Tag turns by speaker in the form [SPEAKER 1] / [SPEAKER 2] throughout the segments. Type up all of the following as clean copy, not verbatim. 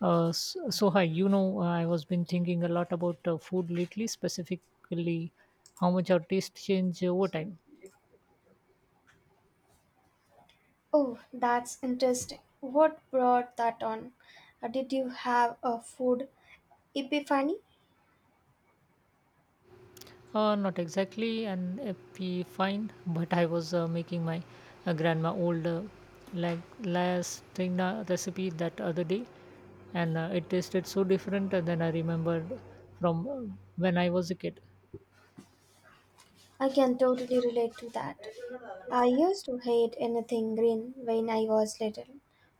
[SPEAKER 1] So hi, I was been thinking a lot about food lately, specifically how much our taste change over time.
[SPEAKER 2] Oh, that's interesting. What brought that on? Did you have a food epiphany?
[SPEAKER 1] Not exactly an epi find, but I was making my grandma old like lasagna recipe that other day, and it tasted so different than I remembered from when I was a kid.
[SPEAKER 2] I can totally relate to that. I used to hate anything green when I was little.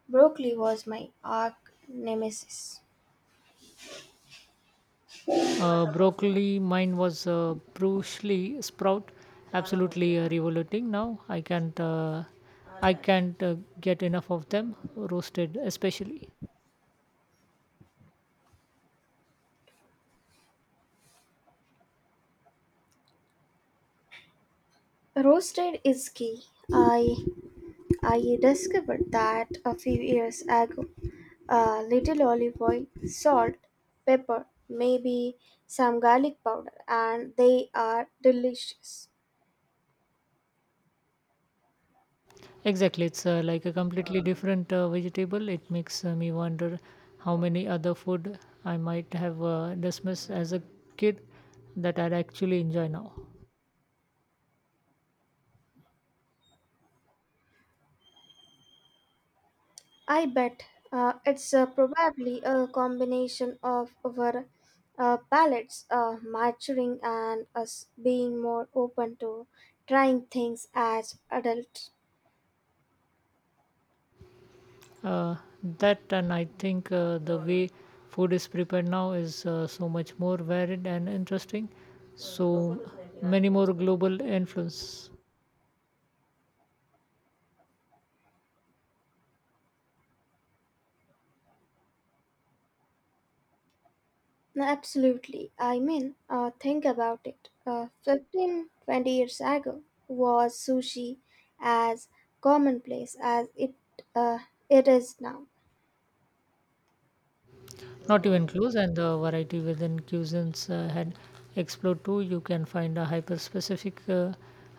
[SPEAKER 2] Broccoli was my arch nemesis.
[SPEAKER 1] Broccoli, mine was Bruce Lee sprout, absolutely revolting. Now I can't get enough of them roasted, especially.
[SPEAKER 2] Roasted is key. I I discovered that a few years ago. A little olive oil, salt, pepper, maybe some garlic powder, and they are delicious.
[SPEAKER 1] Exactly, it's like a completely different vegetable. It makes me wonder how many other food I might have dismissed as a kid that I'd actually enjoy now.
[SPEAKER 2] I bet it's probably a combination of our palates maturing and us being more open to trying things as adults.
[SPEAKER 1] uh, that and I think the way food is prepared now is so much more varied and interesting, so many more global influence.
[SPEAKER 2] No, absolutely. I mean, think about it. 15, 20 years ago, was sushi as commonplace as uh, it is now.
[SPEAKER 1] Not even close, and the variety within cuisines had explored too. You can find a hyper specific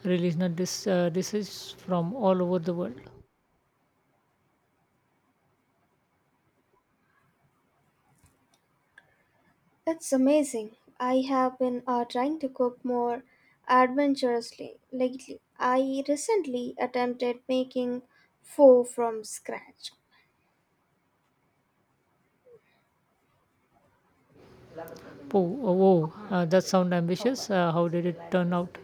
[SPEAKER 1] regional dishes from all over the world.
[SPEAKER 2] It's amazing. I have been trying to cook more adventurously lately. I recently attempted making pho from scratch.
[SPEAKER 1] Oh, oh, wow, that sound ambitious. How did it turn out?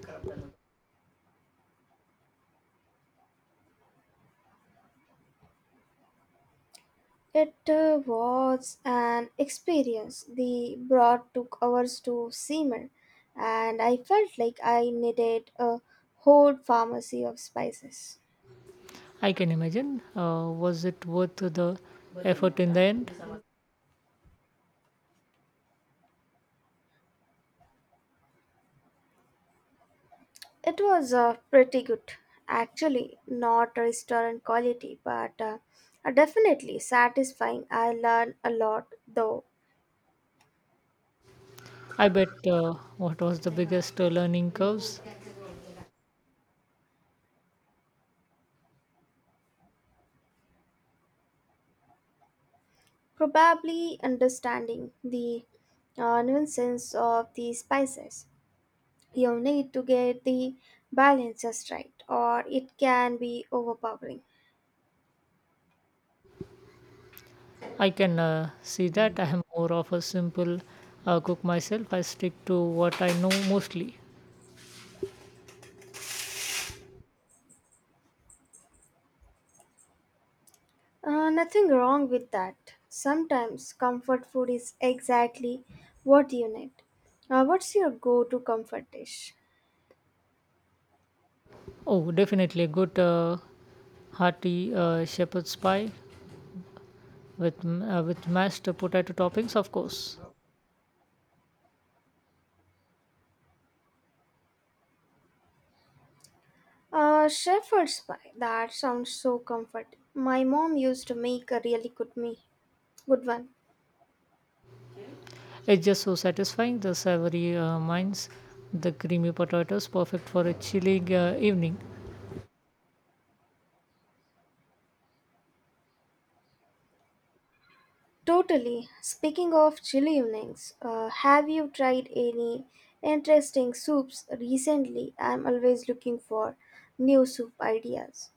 [SPEAKER 2] It was an experience. The broth took hours to simmer, and I felt like I needed a whole pharmacy of spices.
[SPEAKER 1] I can imagine. Was it worth the effort in the end?
[SPEAKER 2] It was pretty good, actually. Not restaurant quality, but definitely satisfying. I learned a lot, though.
[SPEAKER 1] I bet. What was the biggest learning curves?
[SPEAKER 2] Probably understanding the nuances of the spices. You need to get the balance just right, or it can be overpowering.
[SPEAKER 1] I can see that I am more of a simple cook myself. I stick to what I know mostly.
[SPEAKER 2] Nothing wrong with that. Sometimes comfort food is exactly what you need. What's your go to comfort dish?
[SPEAKER 1] Oh, definitely a good hearty shepherd's pie with with mashed potato toppings, of course.
[SPEAKER 2] Shepherd's pie. That sounds so comforting. My mom used to make a really good me, good one.
[SPEAKER 1] It's just so satisfying. The savory minds, the creamy potatoes, perfect for a chilly evening.
[SPEAKER 2] Totally. Speaking of chilly evenings, have you tried any interesting soups recently? I'm always looking for new soup ideas.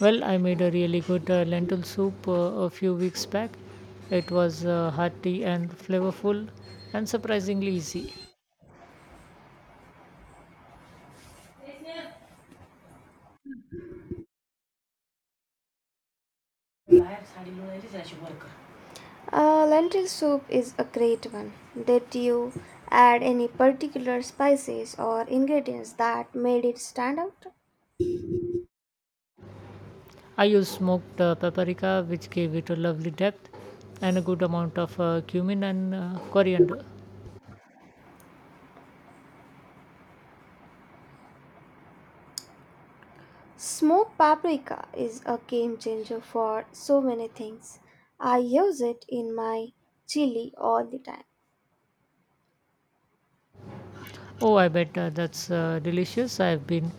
[SPEAKER 1] Well, I made a really good lentil soup a few weeks back. It was hearty and flavorful and surprisingly easy.
[SPEAKER 2] Uh, Lentil soup is a great one. Did you add any particular spices or ingredients that made it stand out?
[SPEAKER 1] I used smoked paprika, which gave it a lovely depth, and a good amount of cumin and coriander.
[SPEAKER 2] Smoked paprika is a game changer for so many things. I use it in my chili all the time.
[SPEAKER 1] Oh, I bet that's delicious. I've been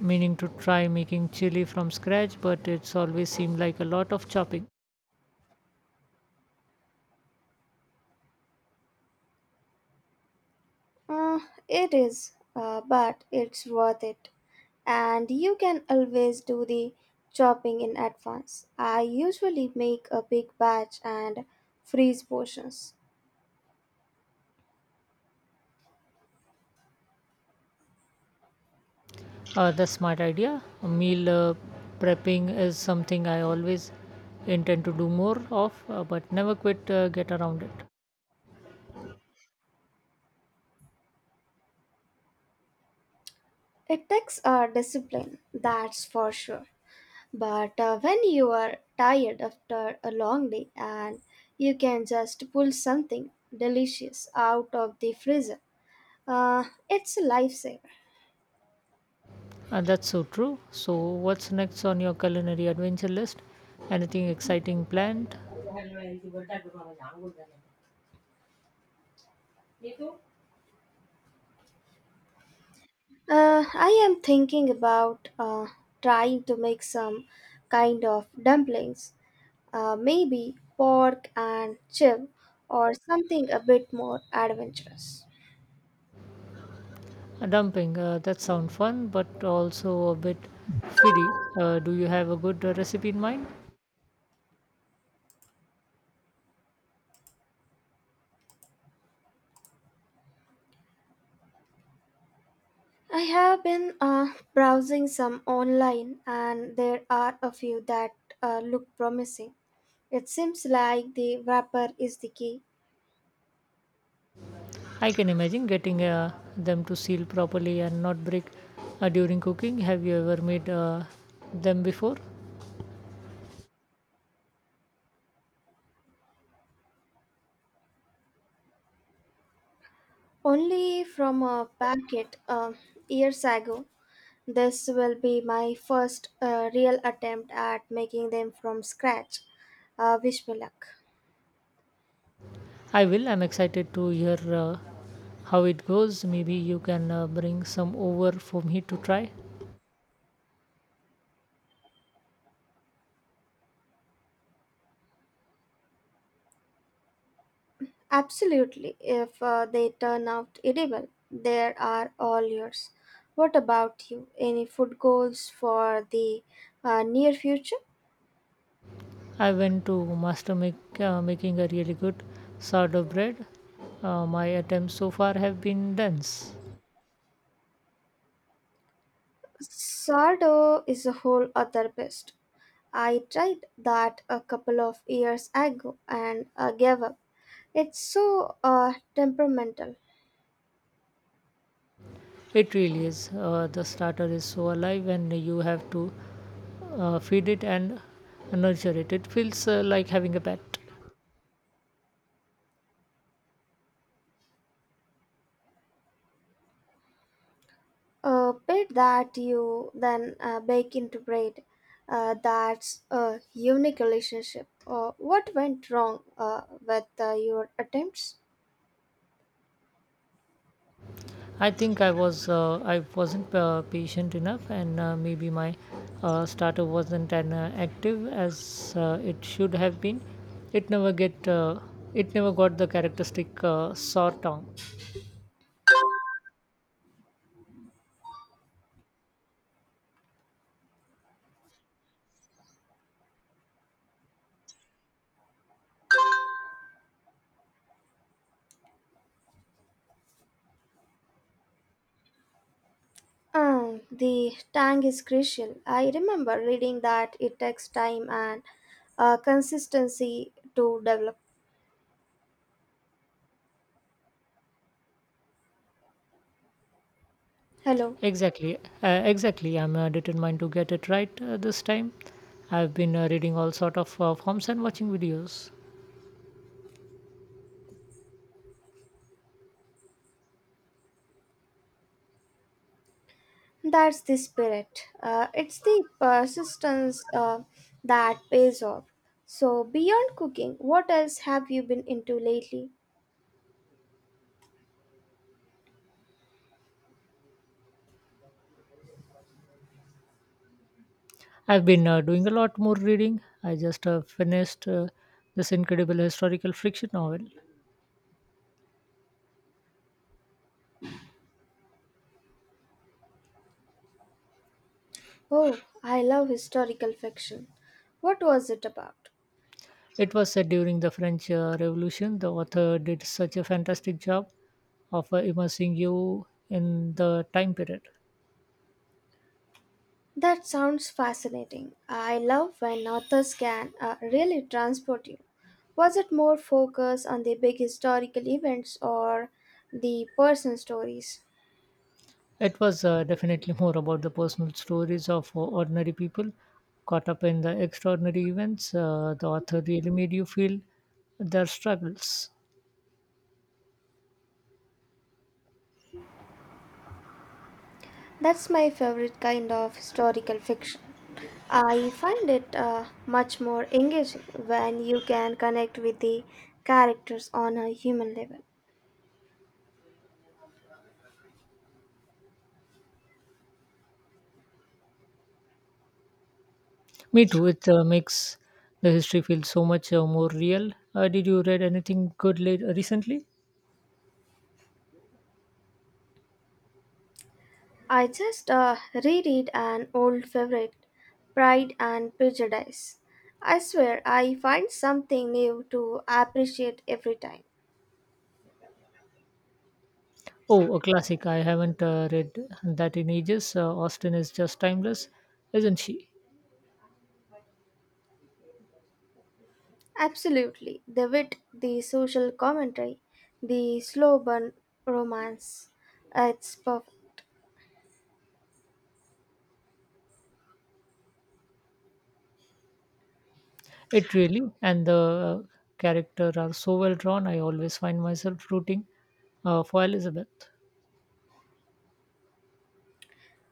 [SPEAKER 1] meaning to try making chili from scratch, but it's always seemed like a lot of chopping.
[SPEAKER 2] Uh, it is, but it's worth it. And you can always do the chopping in advance. I usually make a big batch and freeze portions.
[SPEAKER 1] That's smart idea. Meal prepping is something I always intend to do more of, but never quite get around it.
[SPEAKER 2] It takes a discipline, that's for sure. But when you are tired after a long day and you can just pull something delicious out of the freezer, uh, it's a lifesaver.
[SPEAKER 1] And that's so true. So, what's next on your culinary adventure list? Anything exciting planned?
[SPEAKER 2] I am thinking about trying to make some kind of dumplings, maybe pork and chip or something a bit more adventurous.
[SPEAKER 1] Dumping. That sounds fun, but also a bit fiddly. Do you have a good recipe in mind?
[SPEAKER 2] I have been browsing some online, and there are a few that look promising. It seems like the wrapper is the key.
[SPEAKER 1] I can imagine getting them to seal properly and not break during cooking. Have you ever made them before?
[SPEAKER 2] Only from a packet years ago, this will be my first real attempt at making them from scratch. Wish me luck.
[SPEAKER 1] I will. I'm excited to hear how it goes. Maybe you can bring some over for me to try.
[SPEAKER 2] Absolutely, if they turn out edible, there are all yours. What about you? Any food goals for the near future?
[SPEAKER 1] I went to master make, making a really good sourdough bread. My attempts so far have been dense.
[SPEAKER 2] Sourdough is a whole other beast. I tried that a couple of years ago and gave up. It's so temperamental.
[SPEAKER 1] It really is. The starter is so alive, and you have to feed it and nurture it. It feels like having a pet.
[SPEAKER 2] A bit that you then bake into bread. That's a unique relationship. What went wrong with your attempts?
[SPEAKER 1] I think I wasn't patient enough, and maybe my starter wasn't as active as it should have been. It never get uh, it never got the characteristic sore tongue.
[SPEAKER 2] The tang is crucial. I remember reading that it takes time and consistency to develop. Hello.
[SPEAKER 1] Exactly, exactly. I'm determined to get it right this time. I've been reading all sort of forms and watching videos.
[SPEAKER 2] That's the spirit. It's the persistence that pays off. So, beyond cooking, what else have you been into lately?
[SPEAKER 1] I've been doing a lot more reading. I just finished this incredible historical fiction novel.
[SPEAKER 2] Oh, I love historical fiction. What was it about?
[SPEAKER 1] It was set during the French Revolution. The author did such a fantastic job of immersing you in the time period.
[SPEAKER 2] That sounds fascinating. I love when authors can really transport you. Was it more focused on the big historical events or the personal stories?
[SPEAKER 1] It was definitely more about the personal stories of ordinary people caught up in the extraordinary events. The author really made you feel their struggles.
[SPEAKER 2] That's my favorite kind of historical fiction. I find it much more engaging when you can connect with the characters on a human level.
[SPEAKER 1] Me too. It makes the history feel so much more real. Did you read anything good late recently?
[SPEAKER 2] I just reread an old favorite, Pride and Prejudice. I swear I find something new to appreciate every time.
[SPEAKER 1] Oh, a classic. I haven't read that in ages. Austin is just timeless, isn't she?
[SPEAKER 2] Absolutely, the wit, the social commentary, the slow burn romance. It's perfect.
[SPEAKER 1] It really, and the character are so well drawn. I always find myself rooting for Elizabeth.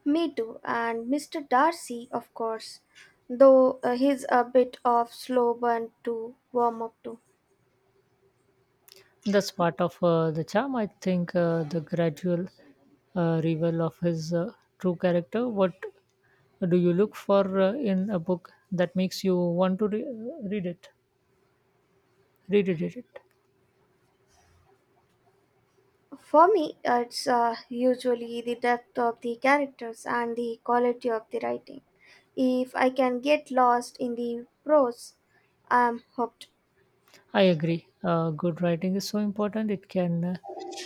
[SPEAKER 2] Me too, and Mr. Darcy, of course, though he's a bit of slow burn to warm up to.
[SPEAKER 1] That's part of the charm, I think. The gradual reveal of his true character. What do you look for in a book that makes you want to read it.
[SPEAKER 2] For me, it's usually the depth of the characters and the quality of the writing. If I can get lost in the prose, I'm hooked.
[SPEAKER 1] I agree. Good writing is so important. It can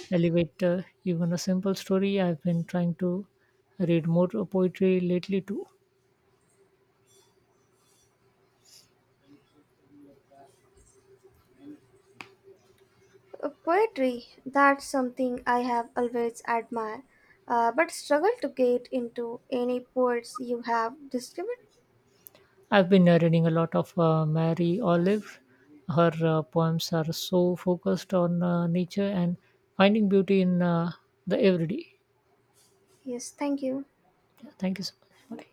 [SPEAKER 1] elevate even a simple story. I've been trying to read more poetry lately too.
[SPEAKER 2] Poetry, that's something I have always admired, but struggle to get into any poets you have discovered.
[SPEAKER 1] I've been reading a lot of Mary Olive. Her poems are so focused on nature and finding beauty in the everyday.
[SPEAKER 2] Yes, thank you.
[SPEAKER 1] Thank you so much. Bye.